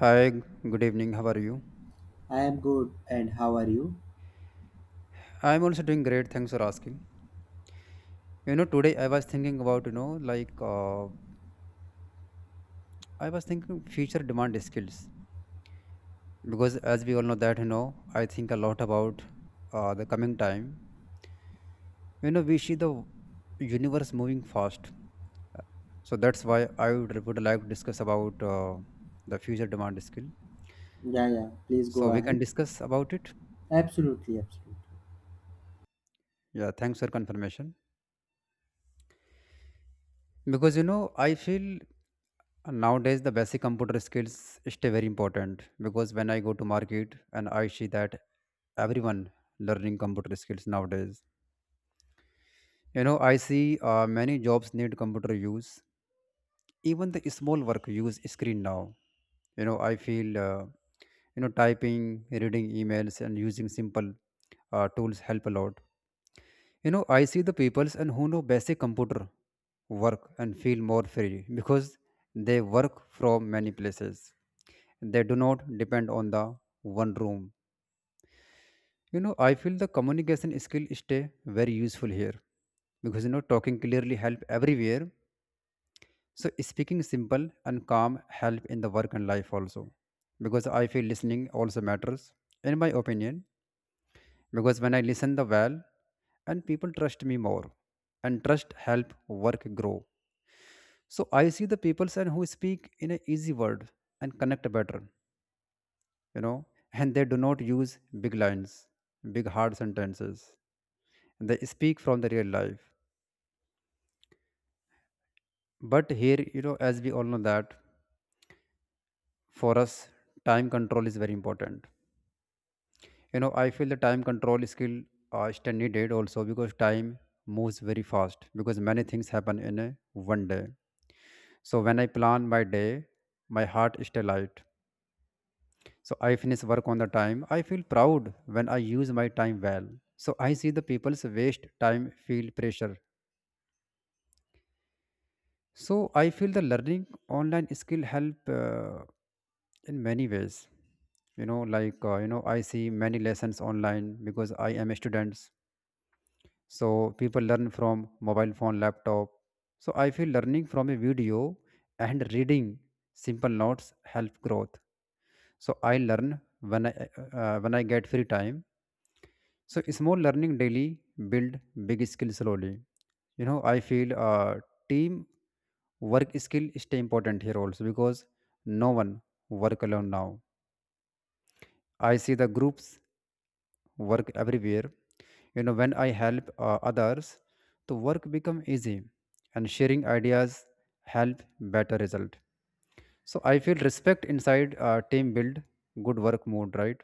Hi, g- Good evening. How are you? I am good, and how are you? I'm also doing great. Thanks for asking. Today I was thinking about, I was thinking future demand skills because as we all know that, I think a lot about the coming time. You know, we see the universe moving fast. So that's why I would like to discuss about the future demand skill. Yeah, yeah. Please go So we ahead. can discuss about it. Absolutely, absolutely. Yeah, thanks for confirmation. Because, I feel nowadays, the basic computer skills stay very important because when I go to market and I see that everyone learning computer skills nowadays, I see many jobs need computer use. Even the small work use screen now. You know, I feel you know typing, reading emails, and using simple tools help a lot. You know, I see the peoples and who know basic computer work and feel more free because they work from many places, they do not depend on the one room. You know, I feel the communication skill stay very useful here because you know talking clearly help everywhere. So speaking simple and calm help in the work and life also, because I feel listening also matters, in my opinion, because when I listen the well, and people trust me more, and trust help work grow. So I see the peoples and who speak in a easy word and connect better, you know, and they do not use big lines, big hard sentences. They speak from the real life. But here, as we all know that for us, time control is very important. You know, I feel the time control skill is needed also because time moves very fast because many things happen in a one day. So when I plan my day, my heart is still light. So I finish work on the time. I feel proud when I use my time well. So I see the people's waste time feel pressure. So I feel the learning online skill help in many ways. I see many lessons online because I am a student. So people learn from mobile phone, laptop. So I feel learning from a video and reading simple notes help growth. So I learn when I get free time, so small learning daily build big skill slowly. You know, I feel team work skill is still important here also because no one work alone now. I see the groups work everywhere. You know, when I help others, the work become easy, and sharing ideas help better result. So I feel respect inside team build good work mode, right?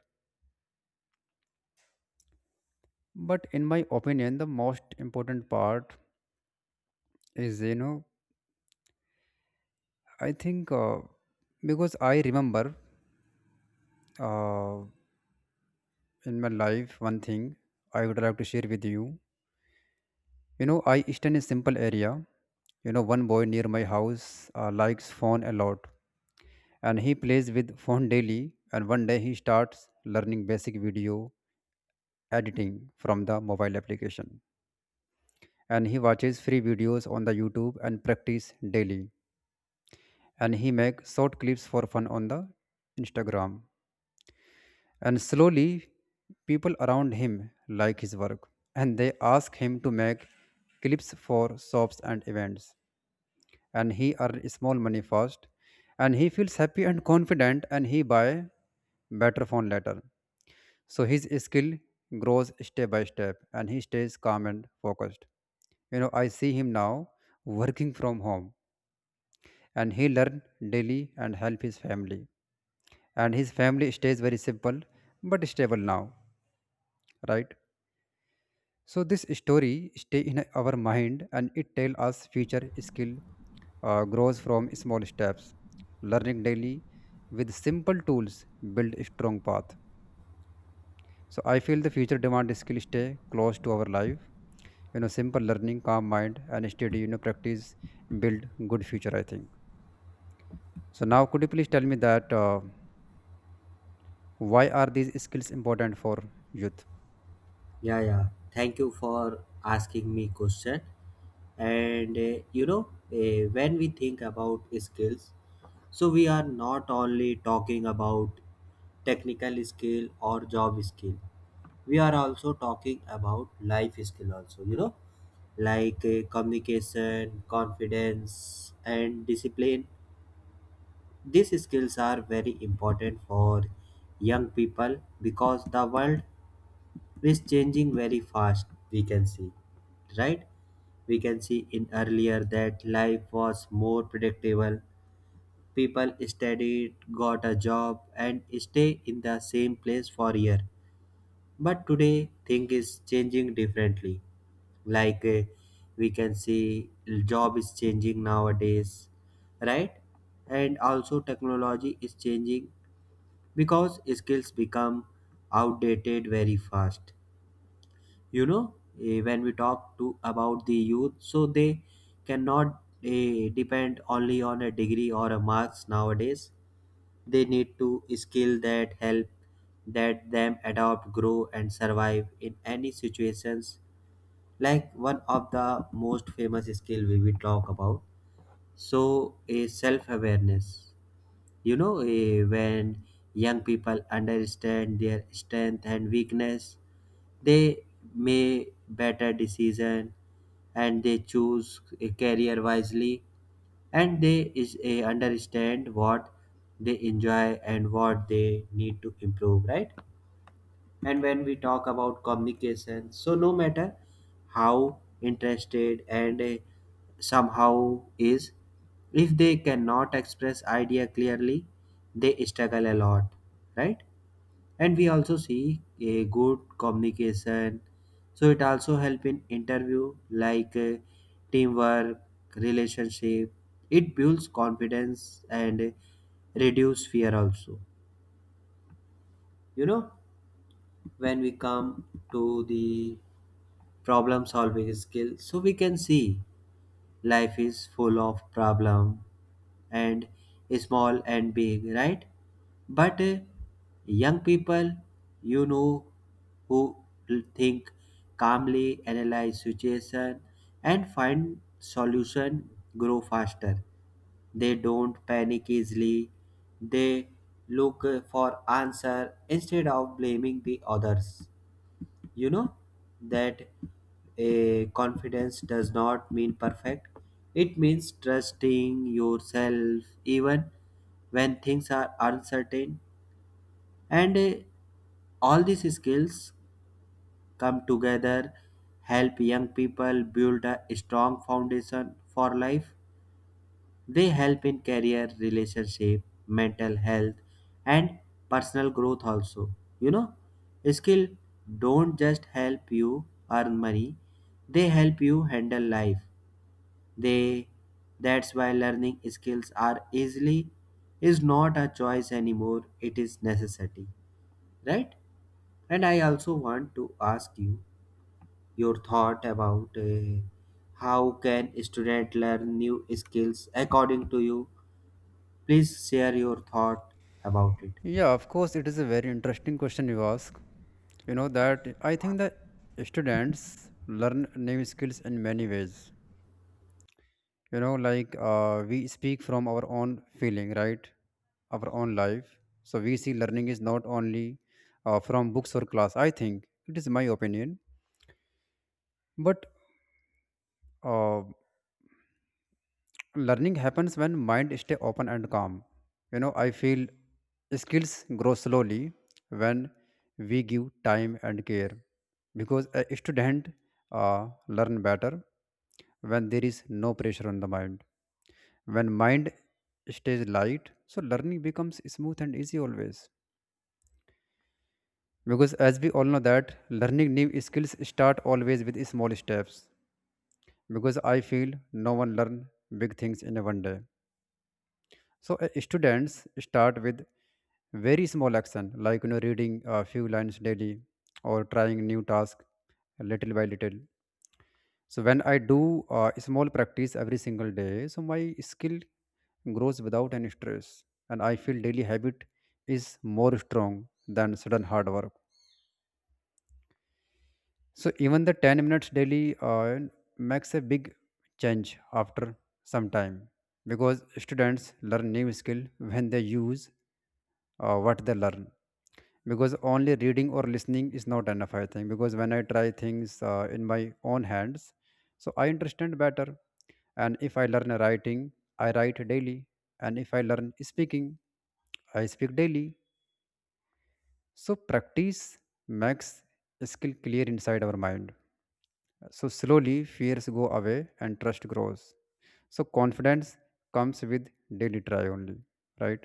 But in my opinion, the most important part is you know I think because I remember uh, in my life one thing I would like to share with you. You know, I stand in a simple area. You know, one boy near my house likes phone a lot, and he plays with phone daily. And one day he starts learning basic video editing from the mobile application, and he watches free videos on the YouTube and practice daily. And he makes short clips for fun on the Instagram. And slowly, people around him like his work, and they ask him to make clips for shops and events. And he earns small money first, and he feels happy and confident, and he buy better phone later. So his skill grows step by step, and he stays calm and focused. You know, I see him now working from home, and he learn daily and help his family. And his family stays very simple but stable now, right? So this story stay in our mind, and it tell us future skill grows from small steps. Learning daily with simple tools build a strong path. So I feel the future demand skill stay close to our life. You know, simple learning, calm mind, and steady you know practice build good future, I think. So now, could you please tell me that why are these skills important for youth? Yeah, yeah. Thank you for asking me question. And you know, when we think about skills, so we are not only talking about technical skill or job skill. We are also talking about life skill also, you know, like communication, confidence and discipline. These skills are very important for young people because the world is changing very fast, we can see, right? We can see in earlier that life was more predictable. People studied, got a job, and stay in the same place for year. But today, thing is changing differently, like we can see job is changing nowadays, right? And also technology is changing because skills become outdated very fast, you know. Eh, when we talk to about the youth, so they cannot depend only on a degree or a marks nowadays. They need to skill that help that them adapt, grow and survive in any situations. Like, one of the most famous skill we will talk about, so, is self awareness. You know, when young people understand their strength and weakness, they make better decision and they choose a career wisely, and they is understand what they enjoy and what they need to improve, right? And when we talk about communication, so no matter how interested and somehow is, if they cannot express idea clearly, they struggle a lot, right? And we also see a good communication, so it also help in interview, like teamwork, relationship. It builds confidence and reduce fear also, you know. When we come to the problem solving skill, so we can see life is full of problem, and small and big, right? But young people, you know, who think calmly, analyze situation and find solution, grow faster. They don't panic easily. They look for answer instead of blaming the others. You know that a confidence does not mean perfect. It means trusting yourself even when things are uncertain. And all these skills come together, help young people build a strong foundation for life. They help in career, relationship, mental health, and personal growth also. You know, skill don't just help you earn money, they help you handle life. They, that's why learning skills are easily is not a choice anymore, it is necessity. Right? And I also want to ask you your thought about how can student learn new skills according to you? Please share your thought about it. Yeah, of course, it is a very interesting question you ask. You know that I think that students learn new skills in many ways. We speak from our own feeling, right? Our own life. So we see learning is not only from books or class. I think it is my opinion, but uh, learning happens when mind stay open and calm. You know, I feel skills grow slowly when we give time and care, because a student learn better when there is no pressure on the mind. When mind stays light, so learning becomes smooth and easy always, because as we all know that learning new skills start always with small steps, because I feel no one learn big things in a one day. So students start with very small action, like reading a few lines daily or trying new task, little by little. So when I do small practice every single day, so my skill grows without any stress, and I feel daily habit is more strong than sudden hard work. So even the 10 minutes daily makes a big change after some time, because students learn new skill when they use what they learn, because only reading or listening is not enough, I think, because when I try things in my own hands, so I understand better. And if I learn writing, I write daily, and if I learn speaking, I speak daily. So practice makes skill clear inside our mind, so slowly fears go away and trust grows. So confidence comes with daily try only, right?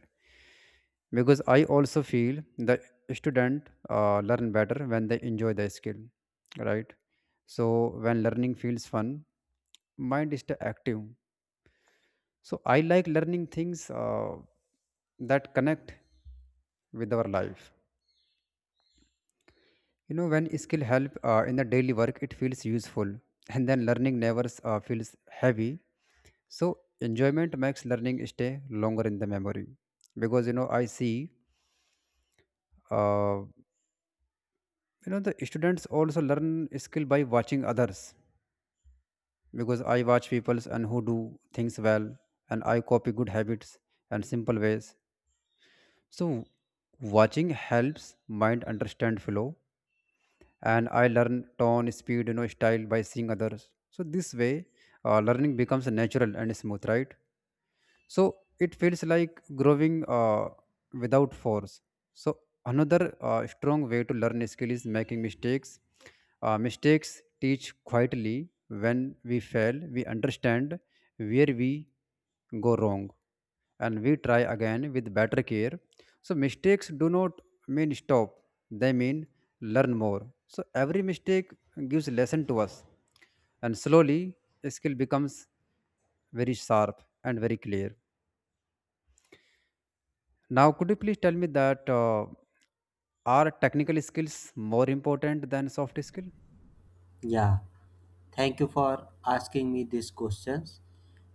Because I also feel the student learn better when they enjoy the skill, right? So when learning feels fun, mind is still active. So I like learning things that connect with our life. You know, when skill help in the daily work, it feels useful, and then learning never feels heavy. So enjoyment makes learning stay longer in the memory, because I see uh, the students also learn skill by watching others, because I watch people's and who do things well, and I copy good habits and simple ways. So watching helps mind understand flow, and I learn tone, speed, style by seeing others. So this way learning becomes natural and smooth, right? So it feels like growing without force. So another strong way to learn a skill is making mistakes. Mistakes teach quietly. When we fail, we understand where we go wrong, and we try again with better care. So mistakes do not mean stop, they mean learn more. So every mistake gives lesson to us, and slowly a skill becomes very sharp and very clear. Now, could you please tell me that are technical skills more important than soft skill? Yeah, thank you for asking me these questions.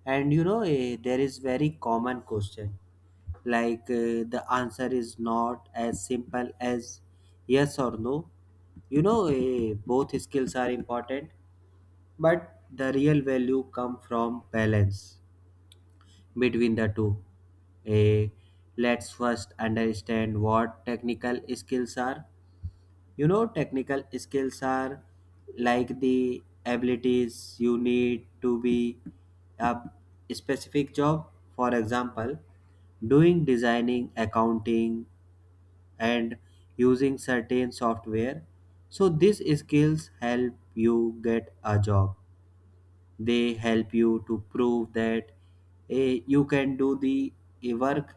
And you know, there is very common question, like the answer is not as simple as yes or no. You know, both skills are important, but the real value come from balance between the two. Eh, let's first understand what technical skills are. You know, technical skills are like the abilities you need to be a specific job. For example, doing designing, accounting, and using certain software. So, these skills help you get a job. They help you to prove that you can do the work.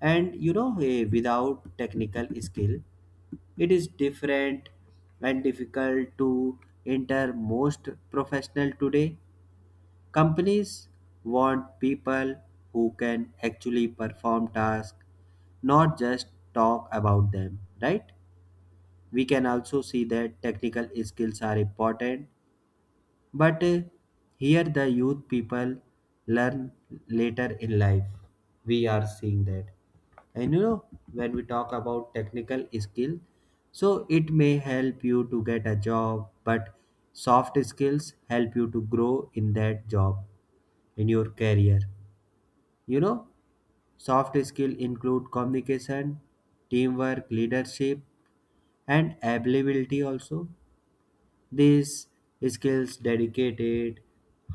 And you know, without technical skill it is different and difficult to enter most professional today. Companies want people who can actually perform tasks, not just talk about them, right? We can also see that technical skills are important, but here the youth people learn later in life. We are seeing that. And you know, when we talk about technical skill, so it may help you to get a job, but soft skills help you to grow in that job, in your career, you know. Soft skill include communication, teamwork, leadership and availability also. These skills dedicated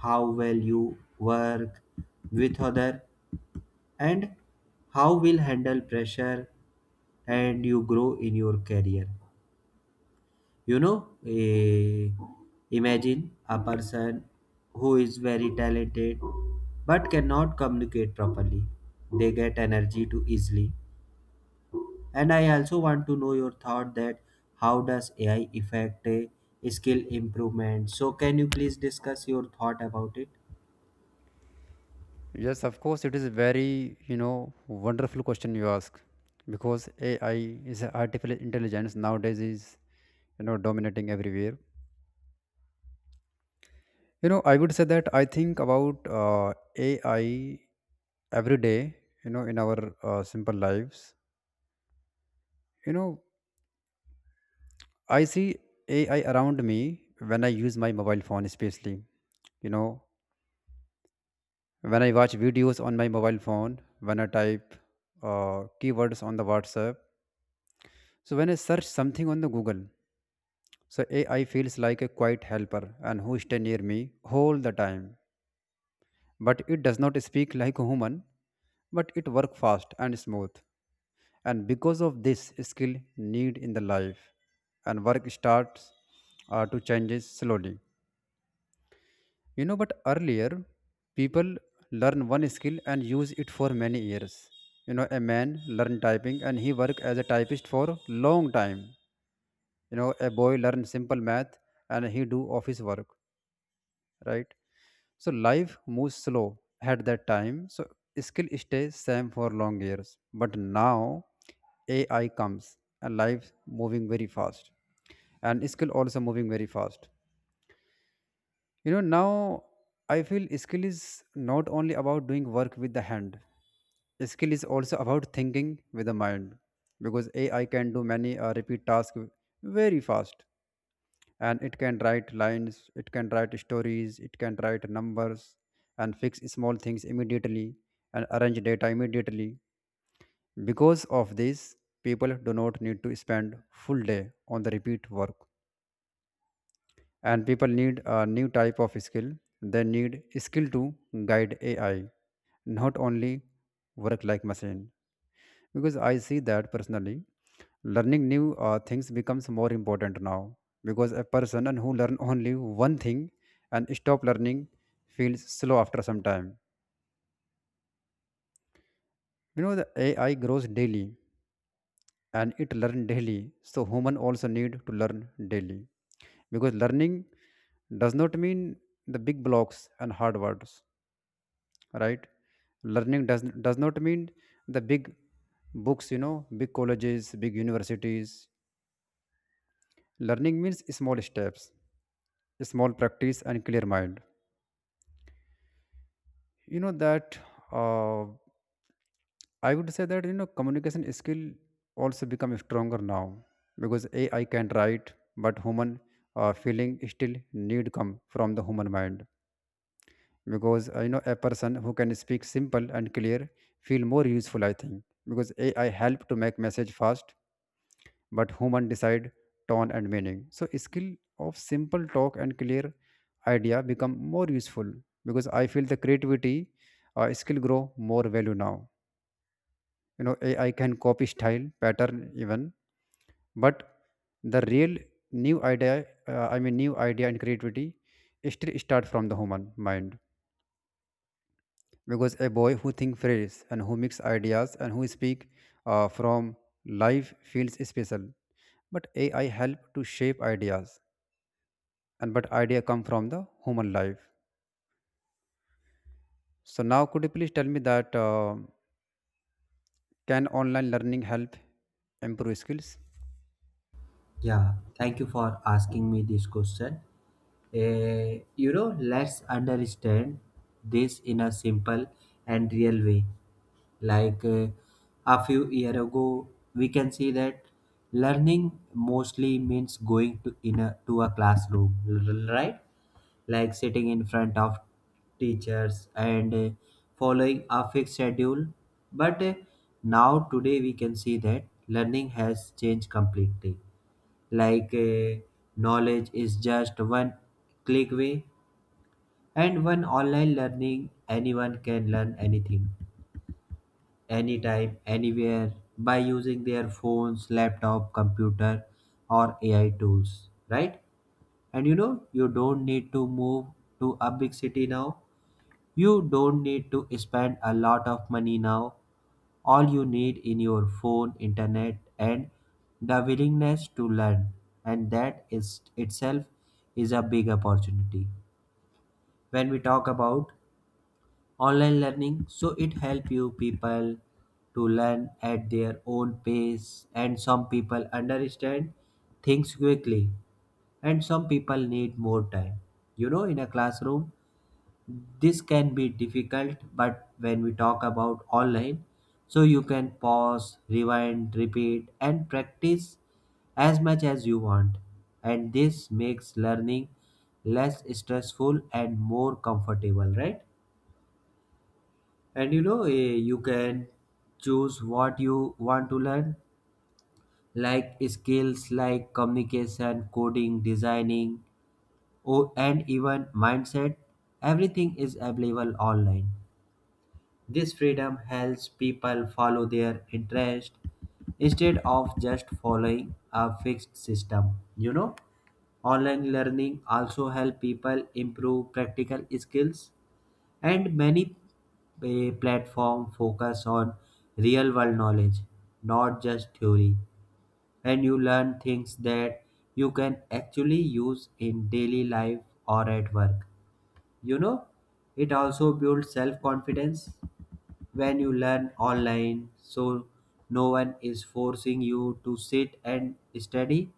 how well you work with other and how will handle pressure and you grow in your career. You know, imagine a person who is very talented but cannot communicate properly, they get energy too easily. And I also want to know your thought that how does AI affect skill improvement? So can you please discuss your thought about it? Yes, of course, it is a very you know wonderful question you ask, because AI is a artificial intelligence nowadays is you know dominating everywhere. You know, I would say that I think about AI every day. You know, in our simple lives, you know, I see AI around me when I use my mobile phone, especially. You know, when I watch videos on my mobile phone, when I type keywords on the WhatsApp. So when I search something on the Google, so AI feels like a quiet helper and who stay near me all the time. But it does not speak like a human, but it work fast and smooth. And because of this skill need in the life and work starts to changes slowly. You know, but earlier, people learn one skill and use it for many years. You know, a man learned typing and he worked as a typist for long time. You know, a boy learned simple math and he do office work, right? So life moves slow at that time. So skill stays same for long years. But now AI comes and life moving very fast and skill also moving very fast. You know, now I feel skill is not only about doing work with the hand. Skill is also about thinking with the mind, because AI can do many repeat tasks very fast, and it can write lines, it can write stories, it can write numbers, and fix small things immediately, and arrange data immediately. Because of this, people do not need to spend full day on the repeat work. And people need a new type of skill. They need skill to guide AI, not only work like machine. Because I see that personally, learning new things becomes more important now, because a person and who learn only one thing and stop learning feels slow after some time. You know, the AI grows daily and it learn daily, so human also need to learn daily. Because learning does not mean the big blocks and hard words, right? Learning does not mean the big books, you know, big colleges, big universities. Learning means small steps, small practice, and clear mind, you know that. uh, I would say that, you know, communication skill also become stronger now, because AI can write, but human feeling still need come from the human mind. Because you know, a person who can speak simple and clear feel more useful, I think, because AI help to make message fast, but human decide tone and meaning. So skill of simple talk and clear idea become more useful, because I feel the creativity skill grow more value now. You know, AI can copy style pattern even, but the real new idea, new idea and creativity still start from the human mind. Because a boy who thinks fresh and who mix ideas and who speak from life feels special. But AI help to shape ideas, and but idea come from the human life. So now could you please tell me that can online learning help improve skills? Yeah, thank you for asking me this question. Eh, you know, let's understand this in a simple and real way. Like a few year ago, we can see that learning mostly means going to in a to a classroom, right? Like sitting in front of teachers and following a fixed schedule. But now today we can see that learning has changed completely, like knowledge is just one click away, and one online learning anyone can learn anything, anytime, anywhere, by using their phones, laptop, computer or AI tools, right? And you know, you don't need to move to a big city now. You don't need to spend a lot of money now. All you need in your phone, internet, and the willingness to learn, and that is itself is a big opportunity. When we talk about online learning, so it help you people to learn at their own pace. And some people understand things quickly and some people need more time. You know, in a classroom this can be difficult, but when we talk about online, so you can pause, rewind, repeat, and practice as much as you want. And this makes learning less stressful and more comfortable, right? And you know, you can choose what you want to learn, like skills like communication, coding, designing, or, and even mindset. Everything is available online. This freedom helps people follow their interest instead of just following a fixed system. You know, online learning also help people improve practical skills. And many platform focus on real world knowledge, not just theory. And you learn things that you can actually use in daily life or at work. You know, it also builds self confidence. When you learn online, so no one is forcing you to sit and study.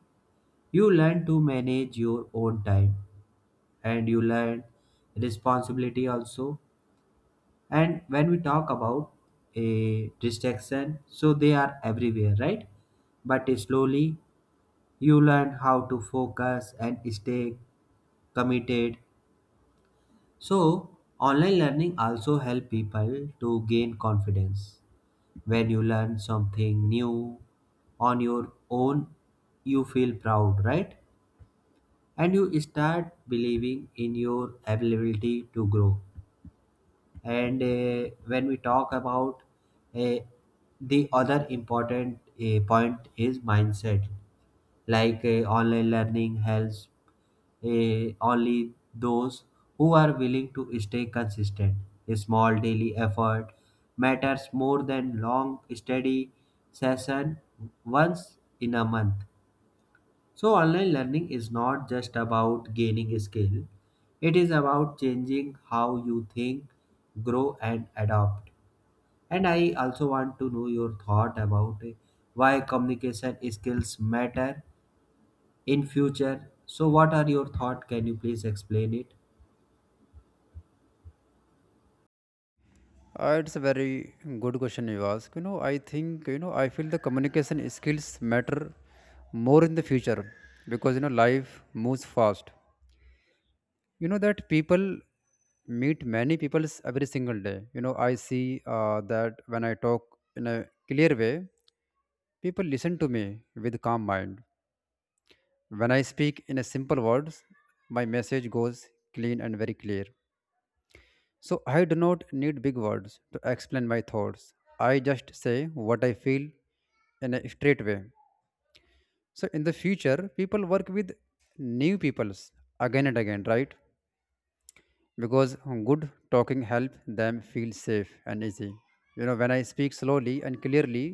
You learn to manage your own time and you learn responsibility also. And when we talk about a distraction, so they are everywhere, right? But slowly you learn how to focus and stay committed. So online learning also help people to gain confidence. When you learn something new on your own, you feel proud, right? And you start believing in your ability to grow. And when we talk about uh, the other important point is mindset. Like online learning helps only those who are willing to stay consistent. A small daily effort matters more than long steady session once in a month. So online learning is not just about gaining skill. It is about changing how you think, grow and adopt. And I also want to know your thought about why communication skills matter in future. So what are your thought? Can you please explain it? It's a very good question you ask, you know. I think, you know, I feel the communication skills matter more in the future, because you know life moves fast. You know that people meet many peoples every single day. You know, I see that when I talk in a clear way, people listen to me with calm mind. When I speak in a simple words, my message goes clean and very clear. So I do not need big words to explain my thoughts. I just say what I feel in a straight way. So in the future, people work with new peoples again and again, right? Because good talking help them feel safe and easy. You know, when I speak slowly and clearly,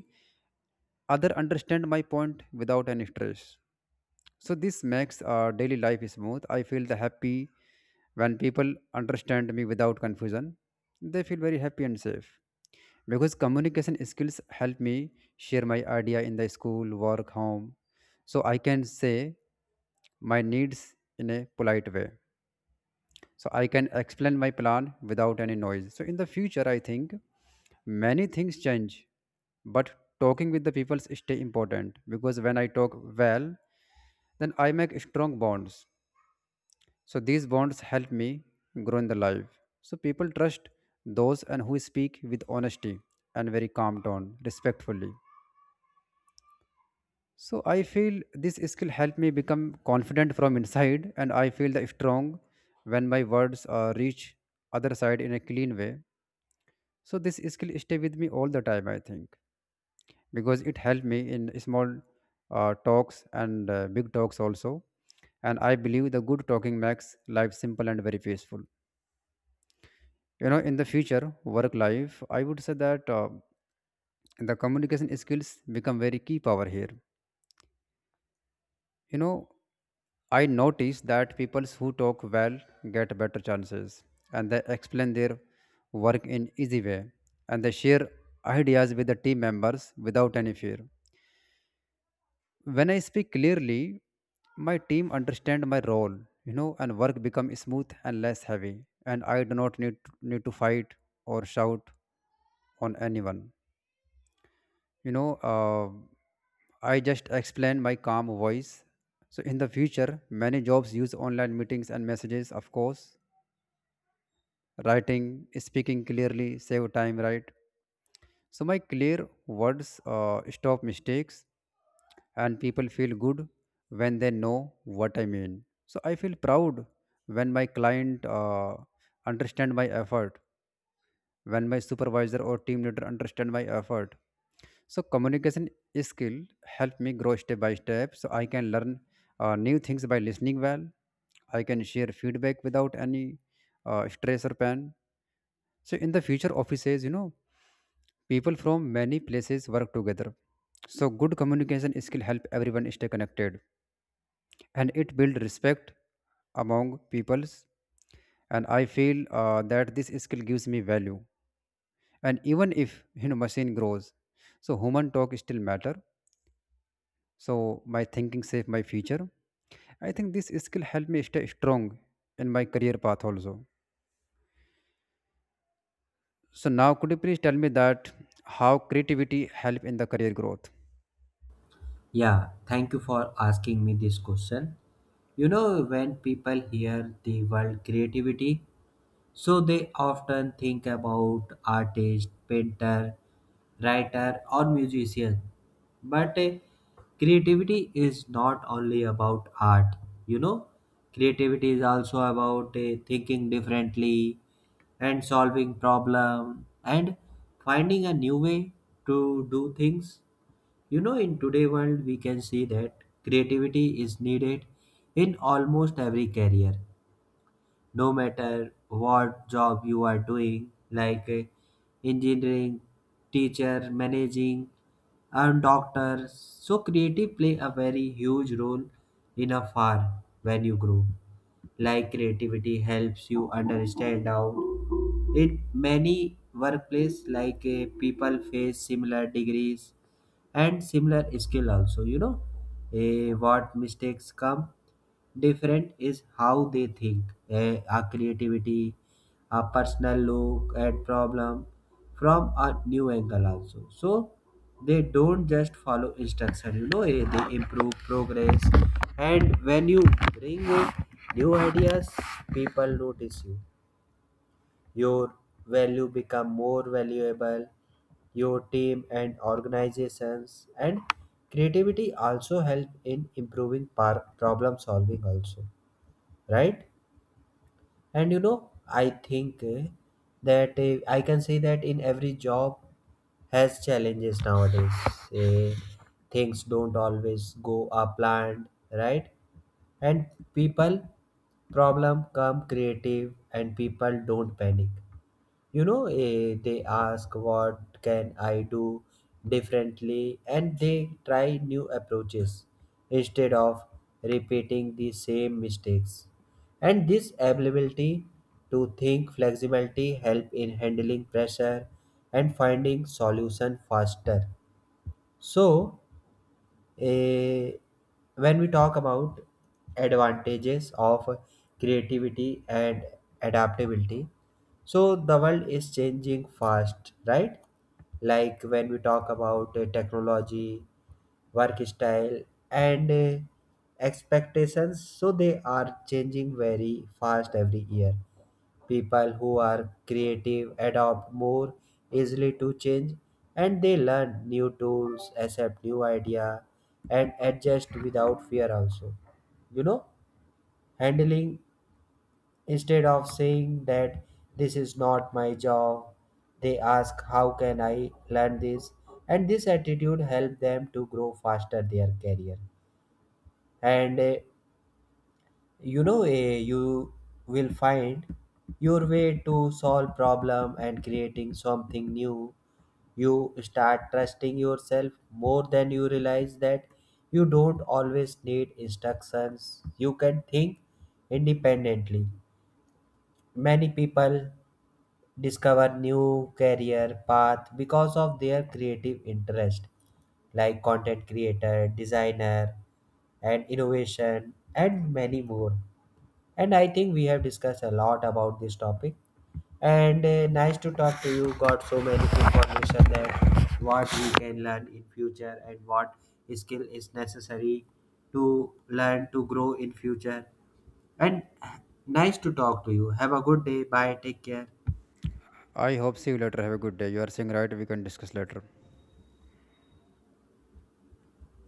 other understand my point without any stress. So this makes our daily life smooth. I feel the happy when people understand me without confusion. They feel very happy and safe, because communication skills help me share my idea in the school, work, home. So I can say my needs in a polite way. So I can explain my plan without any noise. So in the future, I think many things change, but talking with the people is stay important. Because when I talk well, then I make strong bonds. So these bonds help me grow in the life. So people trust those and who speak with honesty and very calm tone respectfully. So I feel this skill helped me become confident from inside, and I feel the strong when my words reach other side in a clean way. So this skill stay with me all the time, I think, because it helped me in small talks and big talks also. And I believe the good talking makes life simple and very peaceful. You know, in the future work life, I would say that the communication skills become very key power here. You know, I notice that people who talk well get better chances, and they explain their work in easy way, and they share ideas with the team members without any fear. When I speak clearly, my team understand my role, you know, and work become smooth and less heavy. And I do not need to fight or shout on anyone. You know, I just explain my calm voice. So in the future, many jobs use online meetings and messages, of course. Writing, speaking clearly, save time, right? So my clear words stop mistakes, and people feel good when they know what I mean. So I feel proud when my client understand my effort, when my supervisor or team leader understand my effort. So communication skill help me grow step by step. So I can learn new things by listening well. I can share feedback without any stress or pain. So in the future offices, you know, people from many places work together. So good communication skill help everyone stay connected, and it build respect among peoples. And I feel that this skill gives me value. And even if, you know, machine grows, so human talk still matter. So my thinking save my future. I think this skill help me stay strong in my career path also. So now could you please tell me that how creativity help in the career growth? Yeah, thank you for asking me this question. You know, when people hear the word creativity, so they often think about artist, painter, writer, or musician. But creativity is not only about art, you know. Creativity is also about thinking differently and solving problem and finding a new way to do things. You know, in today world, we can see that creativity is needed in almost every career, no matter what job you are doing, like engineering, teacher, managing and doctor. So creative play a very huge role in a farm when you grow. Like creativity helps you understand how in many workplace, like people face similar degrees and similar skill also, you know. Eh, what mistakes come different is how they think. Eh, our creativity, our personal look at problem from a new angle also. So they don't just follow instruction, you know, they improve progress. And when you bring in new ideas, people notice you, your value become more valuable, your team and organizations. And creativity also help in improving problem solving also, right? And you know, I think that I can say that in every job has challenges nowadays. Eh, Things don't always go a planned, right? And people, problem come creative and people don't panic. You know, they ask what can I do differently, and they try new approaches instead of repeating the same mistakes. And this ability to think flexibility help in handling pressure and finding solution faster. So Eh, when we talk about advantages of creativity and adaptability, so the world is changing fast, right? Like when we talk about technology, work style, and expectations, so they are changing very fast every year. People who are creative adopt more easily to change, and they learn new tools, accept new idea and adjust without fear also. You know, handling, instead of saying that this is not my job, they ask how can I learn this. And this attitude help them to grow faster their career. And you know, you will find your way to solve problem and creating something new. You start trusting yourself, more than you realize that you don't always need instructions, you can think independently. Many people discover new career path because of their creative interest, like content creator, designer and innovation and many more. And I think we have discussed a lot about this topic. And nice to talk to you. Got so many information that what we can learn in future and what skill is necessary to learn to grow in future. And nice to talk to you. Have a good day. Bye. Take care. I hope see you later. Have a good day. You are saying right, we can discuss later.